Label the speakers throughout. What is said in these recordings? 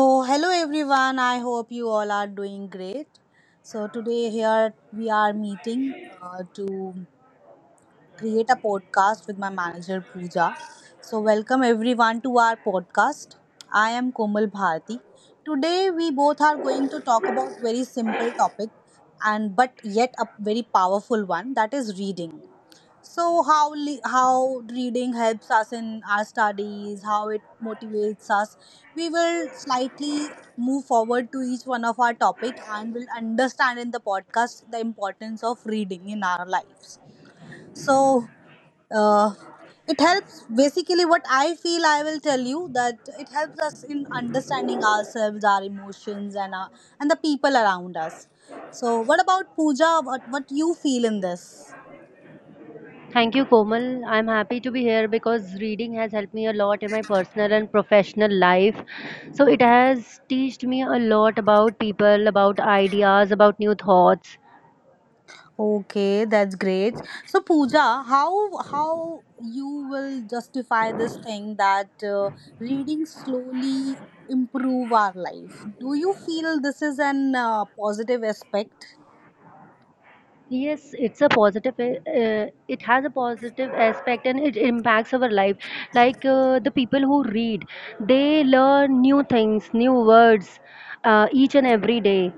Speaker 1: So, hello everyone. I hope you all are doing great. So, today here we are meeting to create a podcast with my manager Pooja. So, welcome everyone to our podcast. I am Komal Bharti. Today we both are going to talk about very simple topic and but yet a very powerful one, that is reading. So how reading helps us in our studies, how it motivates us. We will slightly move forward to each one of our topic and will understand in the podcast the importance of reading in our lives. So uh, it helps, basically what I feel, I will tell you that it helps us in understanding ourselves, our emotions and the people around us. So what about Pooja? What you feel in this?
Speaker 2: Thank you, Komal. I'm happy to be here because reading has helped me a lot in my personal and professional life. So it has taught me a lot about people, about ideas, about new thoughts.
Speaker 1: Okay, that's great. So Pooja, how you will justify this thing that reading slowly improve our life? Do you feel this is an positive aspect?
Speaker 2: Yes, it's a positive. It has a positive aspect, and it impacts our life. Like the people who read, they learn new things, new words, each and every day.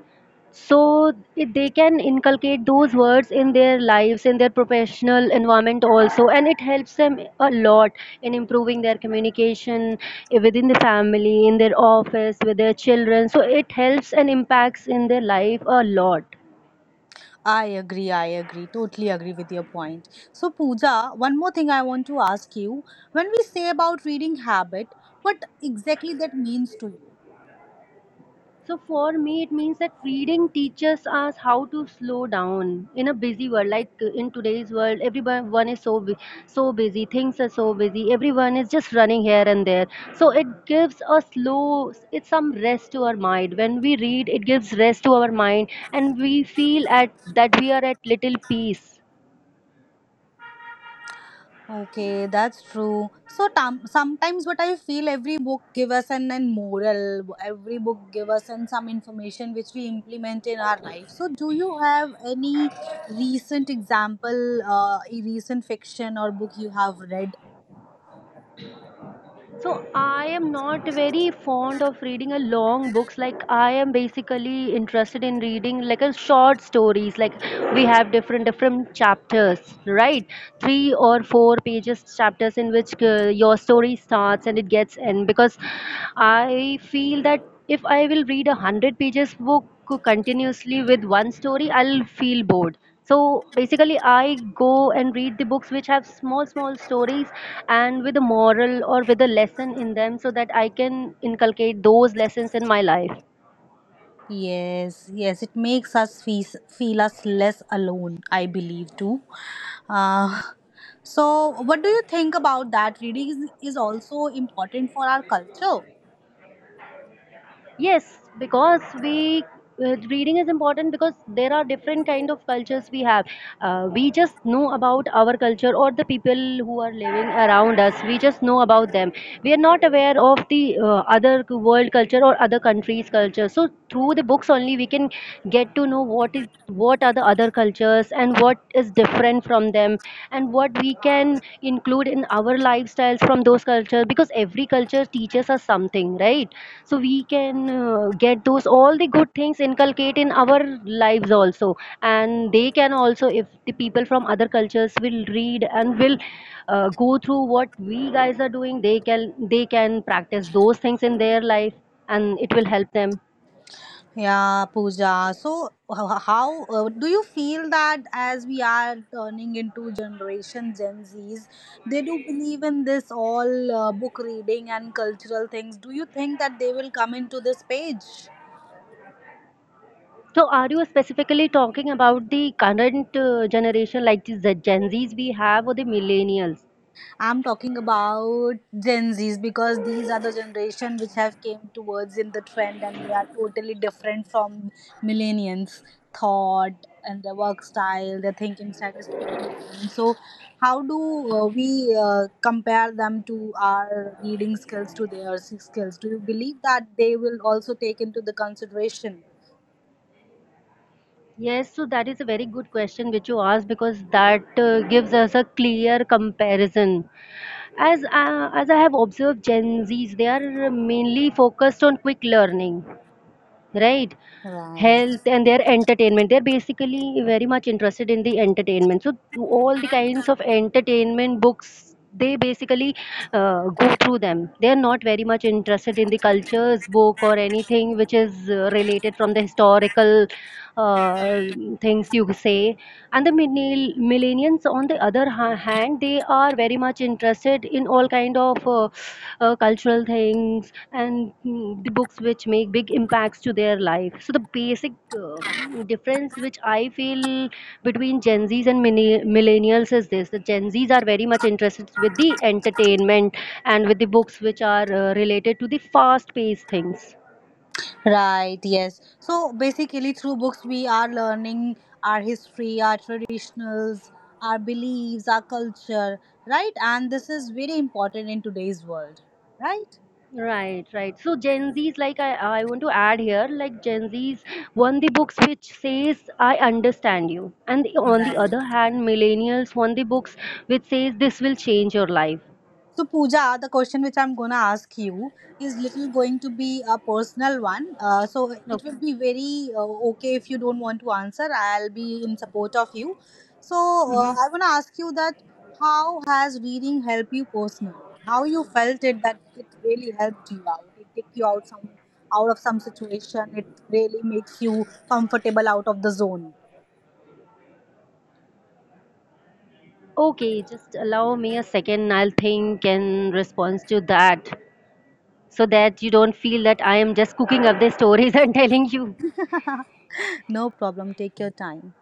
Speaker 2: So they can inculcate those words in their lives, in their professional environment also, and it helps them a lot in improving their communication within the family, in their office, with their children. So it helps and impacts in their life a lot.
Speaker 1: I agree, I agree. Totally agree with your point. So Pooja, one more thing I want to ask you. When we say about reading habit, what exactly that means to you?
Speaker 2: So for me, it means that reading teaches us how to slow down in a busy world. Like in today's world, everyone is so busy. Things are so busy. Everyone is just running here and there. So it gives a slow. It's some rest to our mind. When we read, it gives rest to our mind, and we feel at that we are at little peace.
Speaker 1: Okay, that's true. So tam sometimes what I feel, every book give us an moral, every book give us an, some information which we implement in our life. So do you have any recent example, a recent fiction or book you have read?
Speaker 2: So I am not very fond of reading a long books. Like I am basically interested in reading like a short stories. Like we have different different chapters, right? Three or four pages chapters in which your story starts and it gets end. Because I feel that if I will read a 100 pages book continuously with one story, I'll feel bored. So basically, I go and read the books which have small, small stories and with a moral or with a lesson in them, so that I can inculcate those lessons in my life.
Speaker 1: Yes, yes, it makes us feel us less alone, I believe too. Uh, so what do you think about that? Reading is also important for our culture.
Speaker 2: Yes, because we reading is important, because there are different kind of cultures we have. We just know about our culture or the people who are living around us. We just know about them. We are not aware of the other world culture or other countries culture. So through the books only, we can get to know what are the other cultures and what is different from them, and what we can include in our lifestyles from those cultures, because every culture teaches us something, right? So we can get those all the good things inculcate in our lives also. And they can also, if the people from other cultures will read and will go through what we guys are doing, they can practice those things in their life, and it will help them.
Speaker 1: Yeah, Pooja. So, how do you feel that as we are turning into generation Gen Zs, they do believe in this all book reading and cultural things? Do you think that they will come into this page?
Speaker 2: So, are you specifically talking about the current generation, like the Gen Zs we have, or the millennials?
Speaker 1: I'm talking about Gen Zs because these are the generation which have came towards in the trend and they are totally different from millennials thought, and their work style, their thinking style is totally different. So how do we compare them to our reading skills to their skills? Do you believe that they will also take into the consideration?
Speaker 2: Yes, so that is a very good question which you asked, because that gives us a clear comparison. As I have observed, Gen Zs, they are mainly focused on quick learning, right?
Speaker 1: Right.
Speaker 2: Health and their entertainment, they're basically very much interested in the entertainment. So all the kinds of entertainment books, they basically go through them. They are not very much interested in the cultures book or anything which is related from the historical uh, things, you say. And the millennials on the other hand, they are very much interested in all kind of cultural things, and the books which make big impacts to their life. So the basic difference which I feel between Gen Z's and millennials is this: the Gen Z's are very much interested with the entertainment and with the books which are related to the fast paced things.
Speaker 1: Right, yes. So basically, through books, we are learning our history, our traditionals, our beliefs, our culture, right? And this is very important in today's world, right?
Speaker 2: Right, right. So Gen Z's, like I want to add here, like Gen Z's want the books which says I understand you, and on the other
Speaker 1: Right.
Speaker 2: hand, millennials want the books which says this will change your life.
Speaker 1: So, Pooja, the question which I'm gonna ask you is little going to be a personal one. So it
Speaker 2: Okay.
Speaker 1: will be very okay if you don't want to answer. I'll be in support of you. So
Speaker 2: hmm
Speaker 1: I wanna ask you that how has reading helped you personally? How you felt it that it really helped you out? It take you out some out of some situation. It really makes you comfortable out of the zone.
Speaker 2: Okay, just allow me a second. I'll think in response to that, so that you don't feel that I am just cooking up the stories and telling you.
Speaker 1: no problem. Take your time.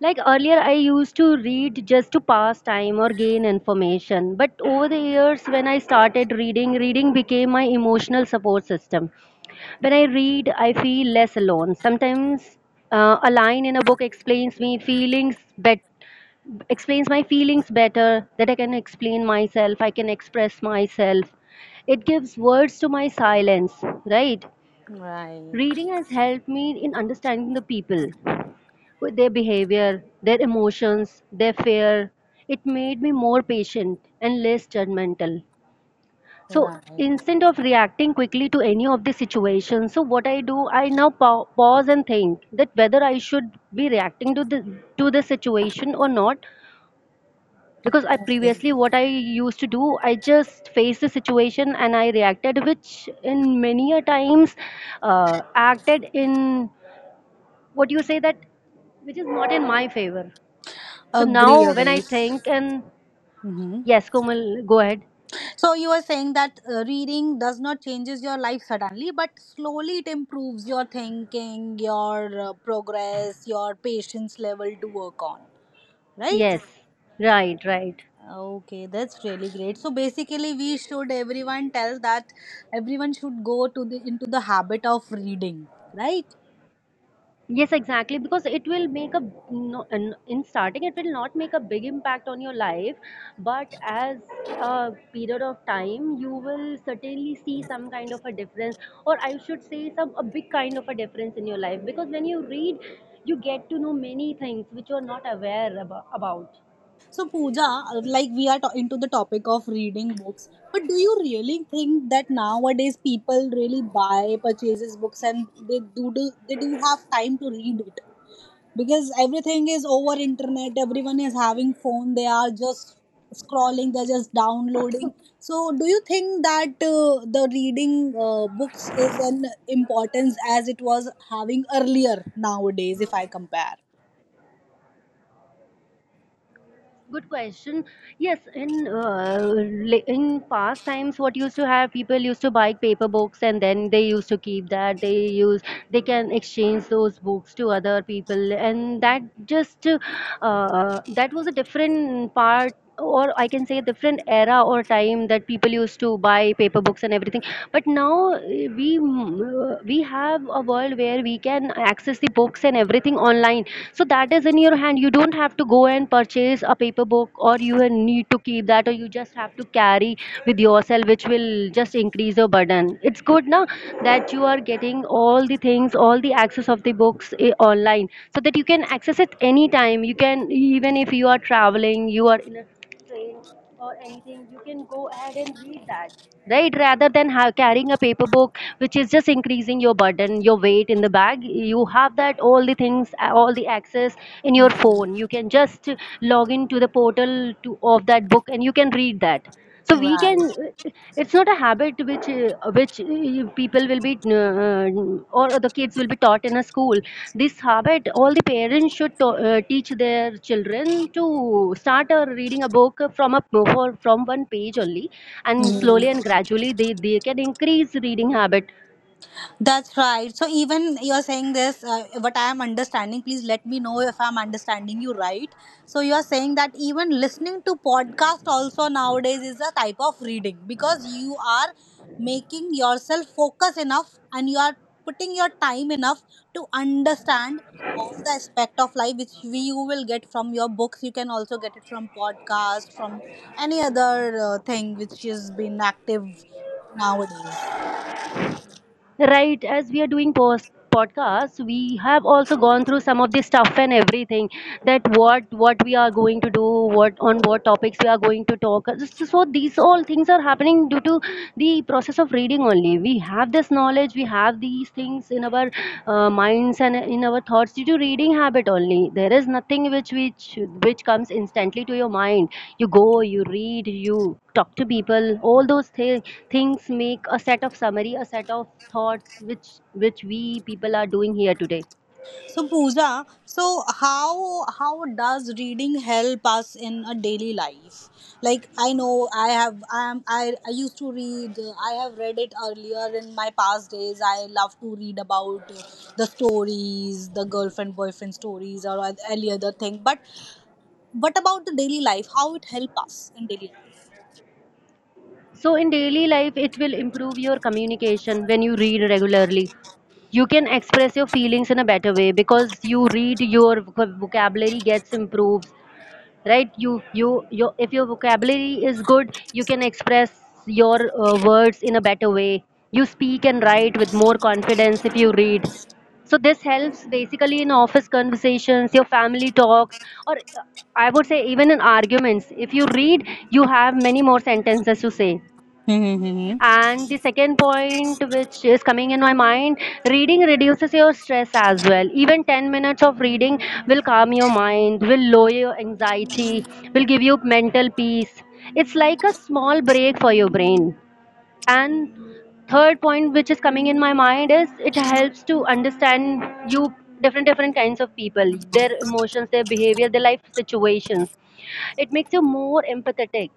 Speaker 2: Like earlier, I used to read just to pass time or gain information. But over the years, when I started reading, reading became my emotional support system. When I read, I feel less alone. Sometimes a line in a book explains my feelings better. That I can explain myself. I can express myself. It gives words to my silence. Right.
Speaker 1: Right.
Speaker 2: Reading has helped me in understanding the people with their behavior, their emotions, their fear. It made me more patient and less judgmental. So
Speaker 1: Right.
Speaker 2: instead of reacting quickly to any of the situations, so what I do, I now pause and think that whether I should be reacting to the situation or not. Because I
Speaker 1: Okay.
Speaker 2: previously, what I used to do, I just faced the situation and I reacted, which in many a times acted in what you say, that which is not in my favor. So
Speaker 1: Agree,
Speaker 2: now when I
Speaker 1: agree.
Speaker 2: think, and
Speaker 1: Hmm
Speaker 2: yes, Komal, go ahead.
Speaker 1: So you are saying that reading does not changes your life suddenly, but slowly it improves your thinking, your progress, your patience level to work on, right?
Speaker 2: Yes, right, right.
Speaker 1: Okay, that's really great. So basically, we should everyone tell that everyone should go to the into the habit of reading, right?
Speaker 2: Yes, exactly. Because it will make a no, in starting it will not make a big impact on your life, but as a period of time, you will certainly see some kind of a difference, or I should say some a big kind of a difference in your life. Because when you read, you get to know many things which you are not aware about.
Speaker 1: So, Pooja, like we are into the topic of reading books, but do you really think that nowadays people really buy, purchases books, and they do, do they do have time to read it? Because everything is over internet. Everyone is having phone. They are just scrolling. They're just downloading. So, do you think that the reading books is an importance as it was having earlier nowadays? If I compare,
Speaker 2: Good question. Yes, in past times, what used to have people used to buy paper books and then they used to keep that. They can exchange those books to other people, and that was a different part, or I can say a different era or time that people used to buy paper books and everything. But now we have a world where we can access the books and everything online, so that is in your hand. You don't have to go and purchase a paper book, or you will need to keep that, or you just have to carry with yourself, which will just increase your burden. It's good now that you are getting all the things, all the access of the books online, so that you can access it anytime. You can, even if you are traveling, you are in a train or anything, you can go ahead and read that. Right, rather than carrying a paper book, which is just increasing your burden, your weight in the bag. You have that all the things, all the access in your
Speaker 1: mhm,
Speaker 2: phone. You can just log into the portal of that book, and you can read that. So we can it's not a habit which people will be or the kids will be taught in a school. This habit, all the parents should teach their children to start reading a book, from one page only, and slowly and
Speaker 1: right?
Speaker 2: gradually they can increase reading habit.
Speaker 1: That's right. So even you're saying this, what I am understanding, please let me know if I'm understanding you right. So you're saying that even listening to podcast also nowadays is a type of reading because you are making yourself focus enough and you are putting your time enough to understand all the aspect of life which we you will get from your books, you can also get it from podcast, from any other thing which has been active nowadays.
Speaker 2: Right, as we are doing post podcasts, we have also gone through some of the stuff and everything, that what we are going to do, what on what topics we are going to talk. So these all things are happening due to the process of reading only. We have this knowledge, we have these things in our minds and in our thoughts due to reading habit only. There is nothing which comes instantly to your mind. You go, you read, you talk to people, all those things make a set of summary, a set of thoughts, which we people are doing here today.
Speaker 1: So Pooja, so how does reading help us in a daily life? Like I know I have I used to read I have read it earlier in my past days. I love to read about the stories, the girlfriend boyfriend stories or any other thing. But what about the daily life? How it help us in daily life?
Speaker 2: So in daily life, it will improve your communication. When you read regularly, you can express your feelings in a better way, because you read your vocabulary gets improved. Right, you your if your vocabulary is good, you can express your words in a better way. You speak and write with more confidence if you read. So this helps basically in office conversations, your family talks, or I would say even in arguments. If you read, you have many more sentences to say.
Speaker 1: Mm-hmm.
Speaker 2: And the second point, which is coming in my mind, reading reduces your stress as well. Even 10 minutes of reading will calm your mind, will lower your anxiety, will give you mental peace. It's like a small break for your brain. And third point, which is coming in my mind, is it helps to understand you different kinds of people, their emotions, their behavior, their life situations. It makes you more empathetic,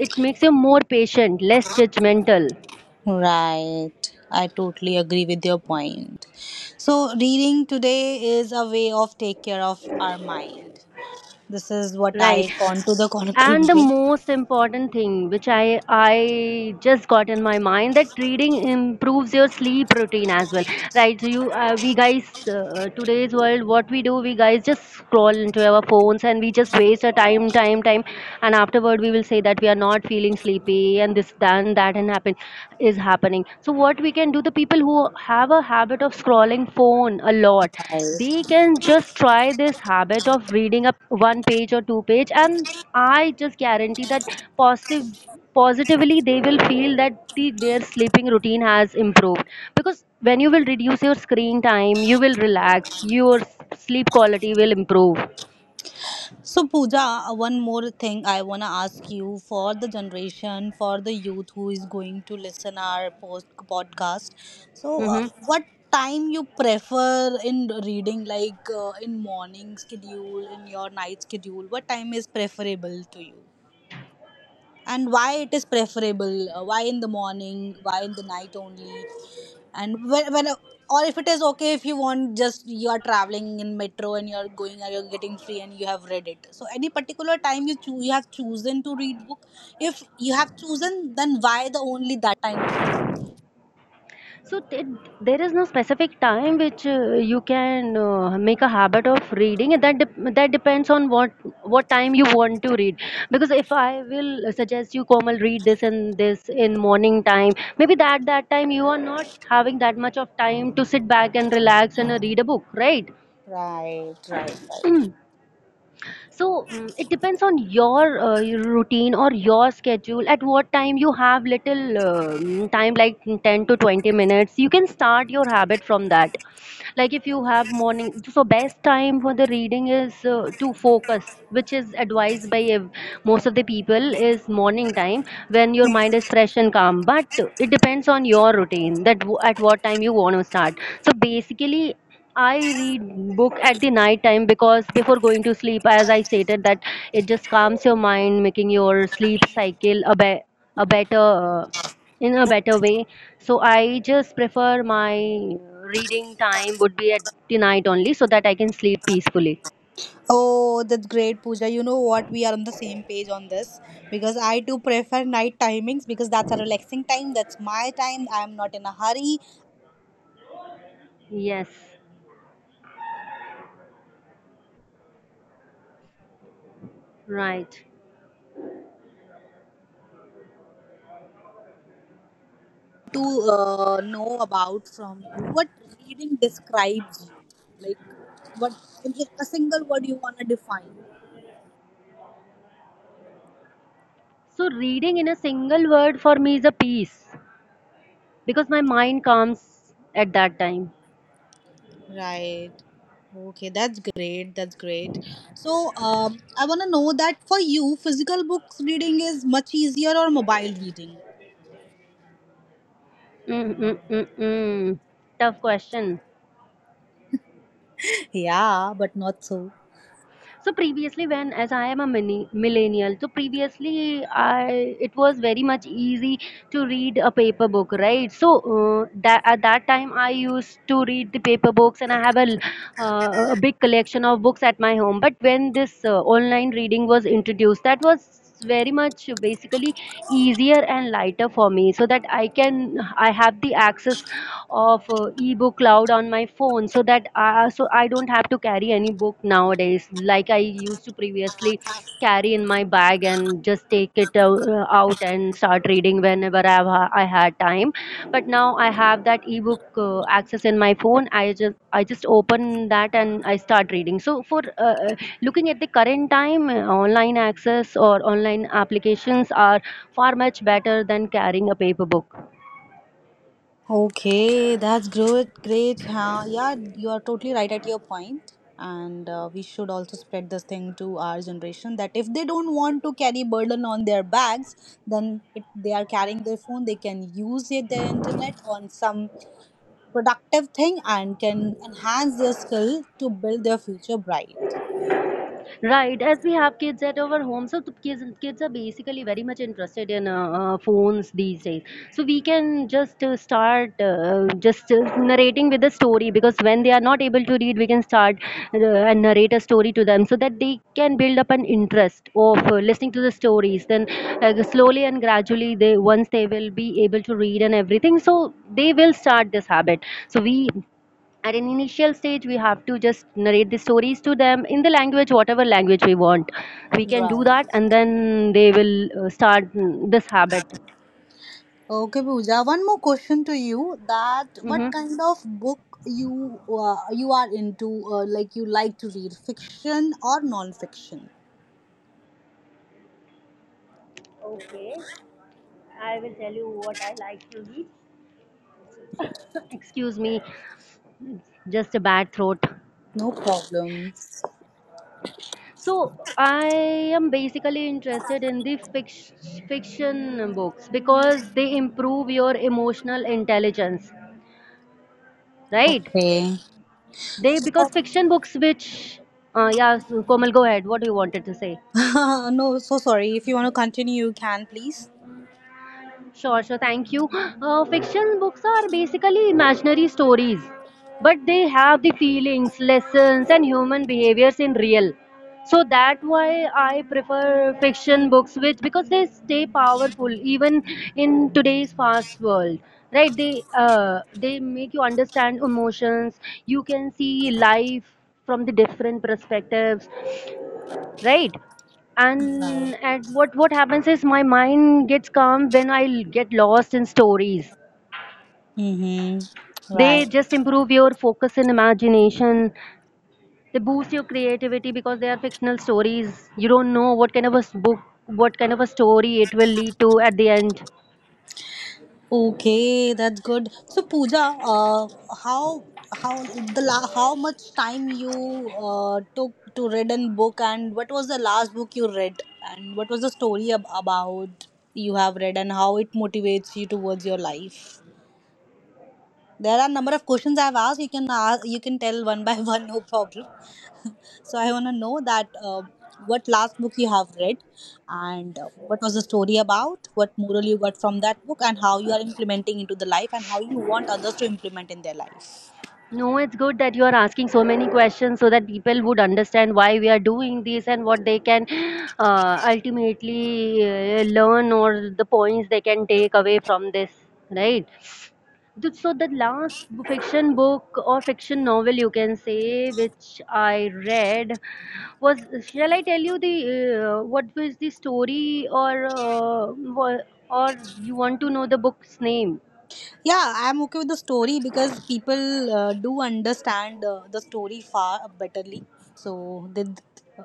Speaker 2: it makes you more patient, less judgmental.
Speaker 1: Right. I totally agree with your point. So reading today is a way of take care of our mind. This is what
Speaker 2: Right.
Speaker 1: I gone to the
Speaker 2: And the
Speaker 1: conclusion.
Speaker 2: most important thing, which I just got in my mind, that reading improves your sleep routine as well, right? So you we guys today's world, what we do, we guys just scroll into our phones and we just waste our time and afterward we will say that we are not feeling sleepy and this then that and happen is happening. So what we can do, the people who have a habit of scrolling phone a lot, they
Speaker 1: Right.
Speaker 2: can just try this habit of reading up one page or two page, and I just guarantee that possi- positively they will feel that their sleeping routine has improved, because when you will reduce your screen time, you will relax, your sleep quality will improve.
Speaker 1: So, Pooja, one more thing I want to ask you for the generation, for the youth who is going to listen our post podcast. So,
Speaker 2: hmm
Speaker 1: what time you prefer in reading, like in morning schedule, in your night schedule? What time is preferable to you? And why it is preferable, why in the morning, why in the night only, and when or if it is okay, if you want, just you are traveling in metro and you're going and you're getting free and you have read it, so any particular time you you have chosen to read book, if you have chosen then why the only that time?
Speaker 2: So there is no specific time which you can make a habit of reading. That depends on what time you want to read. Because if I will suggest you, Komal, read this and this in morning time, maybe that time you are not having that much of time to sit back and relax and read a book, right?
Speaker 1: Right, right, right.
Speaker 2: So it depends on your routine or your schedule at what time you have little time, like 10 to 20 minutes you can start your habit from that. Like if you have morning, so best time for the reading is to focus, which is advised by most of the people, is morning time when your mind is fresh and calm, but it depends on your routine that at what time you want to start. So basically I read book at the night time, because before going to sleep, as I stated, that it just calms your mind, making your sleep cycle a better in a better way. So I just prefer my reading time would be at the night only, so that I can sleep peacefully.
Speaker 1: Oh, that's great, Pooja. You know what? We are on the same page on this because I do prefer night timings because that's a relaxing time. That's my time. I am not in a hurry.
Speaker 2: Yes, right.
Speaker 1: To know about from you what reading describes you, like what I mean, a single word you want to define,
Speaker 2: So reading in a single word for me is a peace, because my mind calms at that time.
Speaker 1: right? Okay, that's great, that's great. So I want to know that for you physical books reading is much easier or mobile reading?
Speaker 2: Mm-mm-mm-mm. Tough question.
Speaker 1: Yeah, but not so.
Speaker 2: So previously when as I am a mini- millennial, so previously I it was very much easy to read a paper book, right? So that at that time I used to read the paper books and I have a big collection of books at my home. But when this online reading was introduced, that was, it's very much basically easier and lighter for me, so that I have the access of ebook cloud on my phone, so that so I don't have to carry any book nowadays, like I used to previously carry in my bag and just take it out and start reading whenever I had time. But now I have that ebook access in my phone. I just open that and I start reading. So for looking at the current time, online access or online applications are far much better than carrying a paper book.
Speaker 1: Okay, that's great. Great. Huh? Yeah, you are totally right at your point. And we should also spread this thing to our generation that if they don't want to carry burden on their bags, then it, they are carrying their phone. They can use it, their internet on some productive thing and can enhance their skill to build their future bright.
Speaker 2: Right, as we have kids at our home, so the kids are basically very much interested in phones these days. So we can just start just narrating with the story, because when they are not able to read, we can start and narrate a story to them, so that they can build up an interest of listening to the stories. Then slowly and gradually, they once they will be able to read and everything, so they will start this habit. So we at an initial stage we have to just narrate the stories to them in the language, whatever language we want, we can do
Speaker 1: Right.
Speaker 2: that, and then they will start this habit.
Speaker 1: Okay, Pooja. One more question to you. That
Speaker 2: hmm
Speaker 1: what kind of book you you are into? Like you like to read fiction or non-fiction?
Speaker 2: Okay, I will tell you what I eat. Excuse me, just a bad throat.
Speaker 1: No problem.
Speaker 2: So I am basically interested in the fiction books, because they improve your emotional intelligence, right?
Speaker 1: Okay.
Speaker 2: They, because fiction books which yeah, so, Komal, go ahead, what do you wanted to say?
Speaker 1: no, so sorry. If you want to continue, you can please.
Speaker 2: Sure, sure. Thank you. Fiction books are basically imaginary stories, but they have the feelings, lessons, and human behaviors in real. So that's why I prefer fiction books, which, because they stay powerful even in today's fast world. Right? They make you understand emotions. You can see life from the different perspectives, right?
Speaker 1: Right.
Speaker 2: And what happens is my mind gets calm when I get lost in stories.
Speaker 1: Mm-hmm.
Speaker 2: They
Speaker 1: Right.
Speaker 2: just improve your focus and imagination, they boost your creativity, because they are fictional stories, you don't know what kind of a s- book what kind of a story it will lead to at the end.
Speaker 1: Okay, that's good. So Pooja, uh, how how how much time you took to read a book, and what was the last book you read, and what was the story about you have read, and how it motivates you towards your life? There are number of questions I've asked. You can ask, you can tell one by one, no problem. So I want to know that what last book you have read and what was the story about, what moral you got from that book, and how you are implementing into the life, and how you want others to implement in their life.
Speaker 2: No, it's good that you are asking so many questions, so that people would understand why we are doing this and what they can ultimately learn, or the points they can take away from this, right? So the last fiction book or fiction novel, you can say, which I read was, shall I tell you the what was the story, or or you want to know the book's name?
Speaker 1: Yeah, I'm okay with the story because people do understand the story far betterly. So they, uh,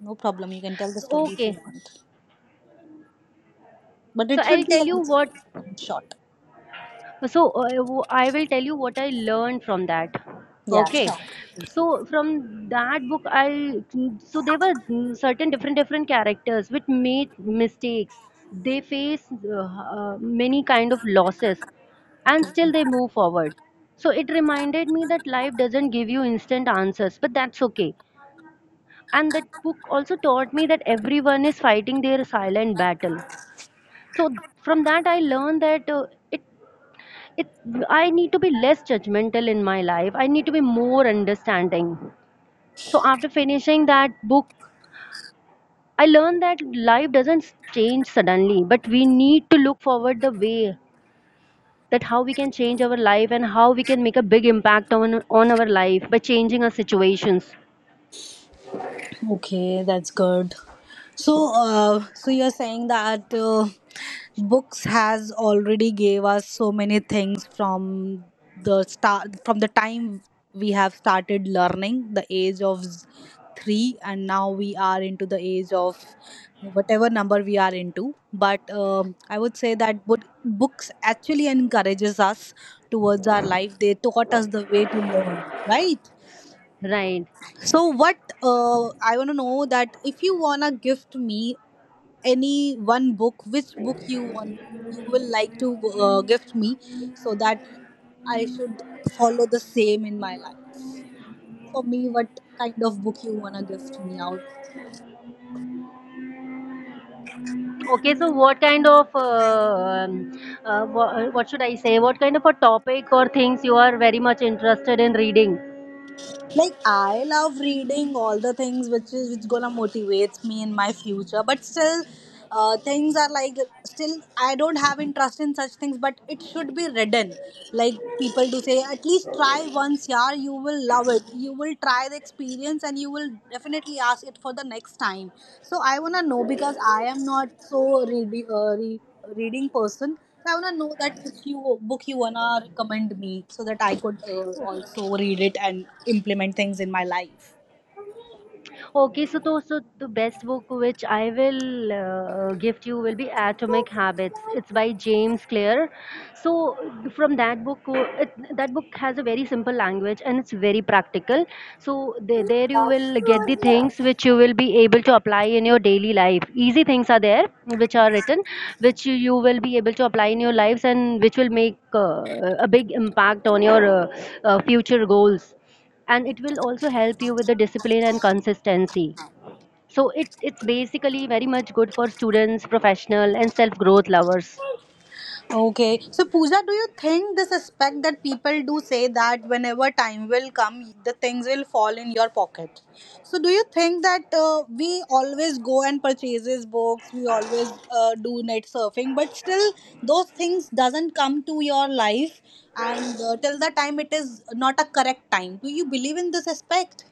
Speaker 1: no problem, you can tell the
Speaker 2: So,
Speaker 1: story if you
Speaker 2: okay,
Speaker 1: want. But
Speaker 2: so
Speaker 1: it
Speaker 2: I'll
Speaker 1: should be
Speaker 2: tell
Speaker 1: a
Speaker 2: you
Speaker 1: little
Speaker 2: what,
Speaker 1: short.
Speaker 2: so w- I will tell you what I learned from that.
Speaker 1: Yeah,
Speaker 2: Okay,
Speaker 1: short.
Speaker 2: so from that book, I so there were certain different characters which made mistakes, they face many kind of losses, and
Speaker 1: Okay.
Speaker 2: still they move forward. So it reminded me that life doesn't give you instant answers, but that's okay. And that book also taught me that everyone is fighting their silent battle. So from that I learned that it it, I need to be less judgmental in my life, I need to be more understanding. So after finishing that book, I learned that life doesn't change suddenly, but we need to look forward the way that how we can change our life and how we can make a big impact on our life by changing our situations,
Speaker 1: Okay, that's good. So, so you're saying that books has already gave us so many things from the start, from the time we have started learning the age of 3, and now we are into the age of whatever number we are into, but I would say that books actually encourages us towards our life, they taught us the way to learn, right?
Speaker 2: right?
Speaker 1: So what I want to know that if you want to gift me any one book, which book you want, you will like to gift me, so that I should follow the same in my life. For me, what kind of book you want to gift me out?
Speaker 2: Okay, so what kind of uh, wha- what should I say, what kind of a topic or things you are very much interested in reading?
Speaker 1: Like I love reading all the things which is which gonna motivates me in my future, but still things are like still I don't have interest in such things, but it should be written like people do say at least try once, yeah, you will love it, you will try the experience and you will definitely ask it for the next time. So I want to know, because I am not so reading reading person, so I want to know that which you book you want to recommend me so that I could also read it and implement things in my life.
Speaker 2: Okay, so, so the best book which I will gift you will be Atomic Habits. It's by James Clear. So from that book, that book has a very simple language and it's very practical. So there you will get the things which you will be able to apply in your daily life. Easy things are there which are written, which you will be able to apply in your lives and which will make a big impact on your future goals, and it will also help you with the discipline and consistency. So it's basically very much good for students, professional and self growth lovers.
Speaker 1: Okay. So, Pooja, do you think this aspect that people do say that whenever time will come, the things will fall in your pocket? So, do you think that we always go and purchases books, we always do net surfing, but still those things doesn't come to your life, and till the time it is not a correct time. Do you believe in this aspect?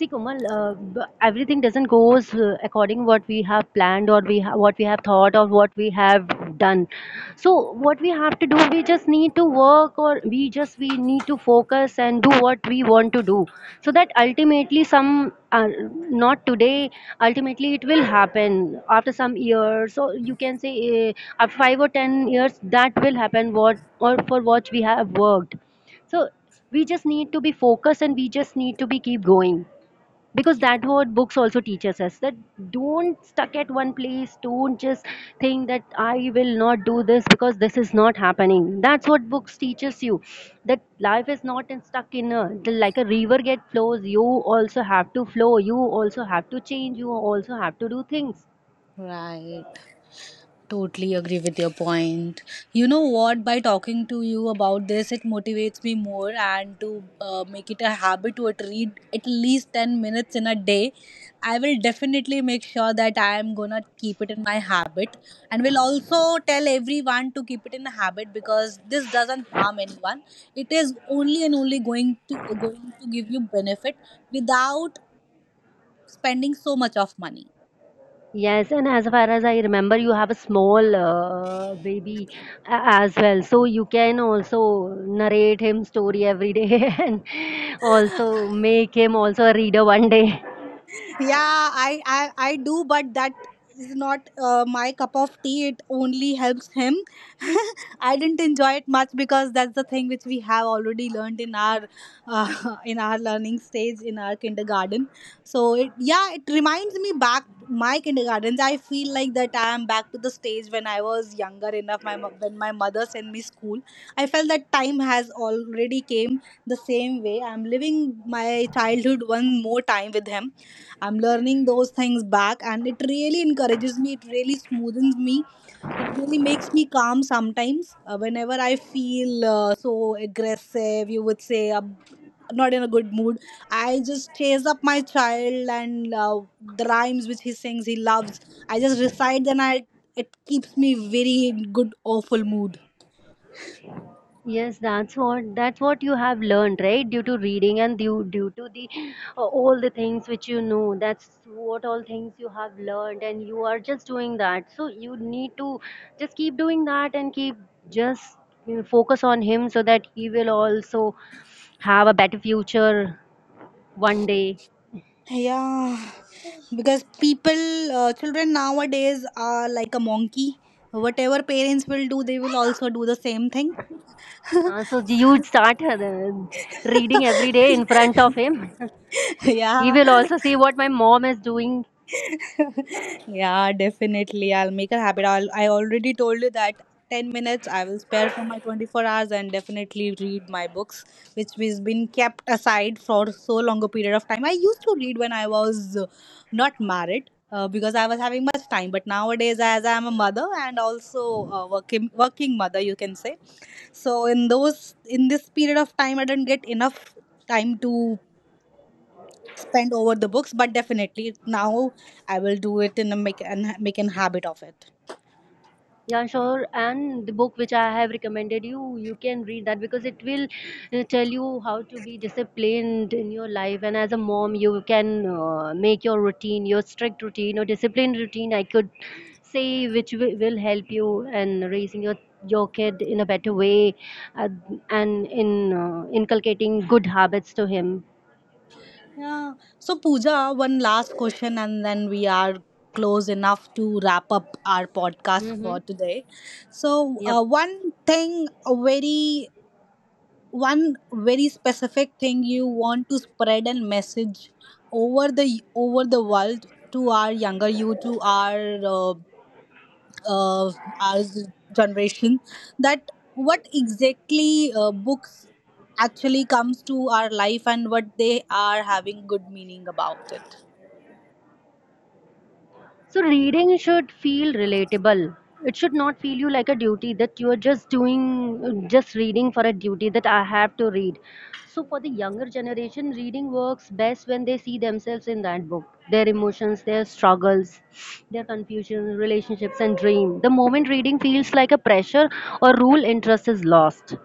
Speaker 2: See, Komal, everything doesn't goes according what we have planned, or we what we have thought or what we have done. So what we have to do, we just need to work, or we need to focus and do what we want to do, so that ultimately some not today, ultimately it will happen after some years. So you can say after five or ten years that will happen, what or for what we have worked. So we just need to be focused and we just need to be keep going, because that what books also teaches us, that don't stuck at one place, don't just think that I will not do this because this is not happening. That's what books teaches you, that life is not stuck in a, like a river get flows, you also have to flow, you also have to change, you also have to do things.
Speaker 1: Right. Totally agree with your point. You know what? By talking to you about this, it motivates me more and to make it a habit to at read at least 10 minutes in a day. I will definitely make sure that I am gonna keep it in my habit and will also tell everyone to keep it in a habit because this doesn't harm anyone. It is only and only going to give you benefit without spending so much of money.
Speaker 2: Yes, and as far as I remember, you have a small baby as well, so you can also narrate him story every day and also make him also a reader one day.
Speaker 1: Yeah, I do, but that is not my cup of tea. It only helps him. I didn't enjoy it much because that's the thing which we have already learned in our in our learning stage, in our kindergarten. So it, yeah, it reminds me back my kindergartens. I feel like that I am back to the stage when I was younger enough. When my mother sent me school, I felt that time has already came. The same way I'm living my childhood one more time with him. I'm learning those things back and it really encourages me, it really smoothens me, it really makes me calm. Sometimes whenever I feel so aggressive, you would say, not in a good mood, I just chase up my child and the rhymes which he sings, he loves, I just recite. Then I, it keeps me very in good awful mood.
Speaker 2: Yes, that's what you have learned, right? Due to reading and due to the all the things which you know. That's what all things you have learned, and you are just doing that. So you need to just keep doing that and keep just you know, focus on him so that he will also have a better future one day.
Speaker 1: Yeah, because people, children nowadays are like a monkey. Whatever parents will do, they will also do the same thing.
Speaker 2: So you would start reading every day in front of him. He
Speaker 1: Yeah,
Speaker 2: will also see what my mom is doing.
Speaker 1: yeah, definitely. I'll make a habit. I'll, I already told you that 10 minutes I will spare for my 24 hours and definitely read my books, which has been kept aside for so long a period of time. I used to read when I was not married, because I was having much time. But nowadays, as I am a mother and also a working mother, you can say. So in those in this period of time, I did not get enough time to spend over the books, but definitely now I will do it and make an habit of it.
Speaker 2: Yeah, sure. And the book which I have recommended you, you can read that because it will tell you how to be disciplined in your life. And as a mom, you can make your routine, your strict routine or disciplined routine, I could say, which will help you in raising your kid in a better way, uh, and in inculcating good habits to him.
Speaker 1: Yeah, so Pooja, one last question and then we are close enough to wrap up our podcast
Speaker 2: Mm-hmm.
Speaker 1: for today. So
Speaker 2: Yep.
Speaker 1: one thing, a very specific thing you want to spread and message over the world, to our younger you, to uh, uh, our generation, that what exactly books actually comes to our life and what they are having good meaning about it.
Speaker 2: So reading should feel relatable. It should not feel you like a duty that you are just doing, just reading for a duty that I have to read. So for the younger generation, reading works best when they see themselves in that book, their emotions, their struggles, their confusions, relationships, and dream. The moment reading feels like a pressure or rule, interest is lost.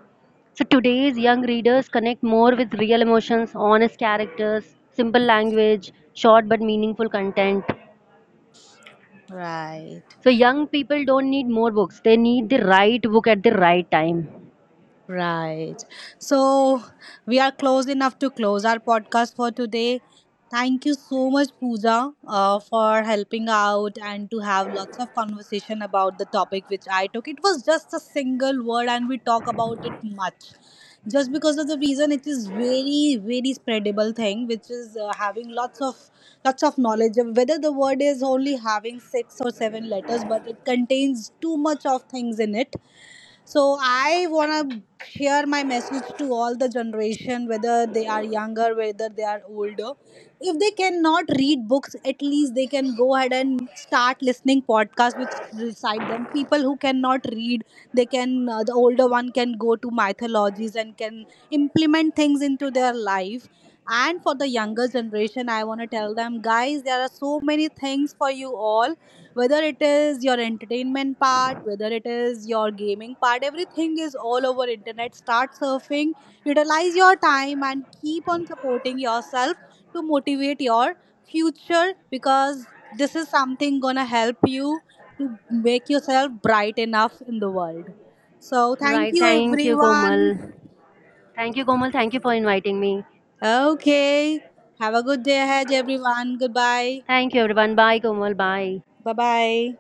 Speaker 2: So today's young readers connect more with real emotions, honest characters, simple language, short but meaningful content.
Speaker 1: Right.
Speaker 2: So young people don't need more books. They need the right book at the right time.
Speaker 1: Right. So we are close enough to close our podcast for today. Thank you so much, Pooja, for helping out and to have lots of conversation about the topic which I took. It was just a single word, and we talk about it much. Just because of the reason, it is very, very spreadable thing, which is having lots of knowledge. Whether the word is only having six or seven letters, but it contains too much of things in it. So I want to share my message to all the generation, whether they are younger, whether they are older. If they cannot read books, at least they can go ahead and start listening podcasts which recite them. People who cannot read, they can, the older one, can go to mythologies and can implement things into their life. And for the younger generation, I want to tell them, guys, there are so many things for you all, whether it is your entertainment part, whether it is your gaming part. Everything is all over internet. Start surfing, utilize your time and keep on supporting yourself to motivate your future, because this is something gonna help you to make yourself bright enough in the world. So thank
Speaker 2: Right.
Speaker 1: you
Speaker 2: Thank you,
Speaker 1: everyone.
Speaker 2: Komal. Thank you, Komal. Thank you for inviting me.
Speaker 1: Okay, have a good day ahead everyone. Goodbye.
Speaker 2: Thank you, everyone. Bye, Komal. Bye.
Speaker 1: Bye bye.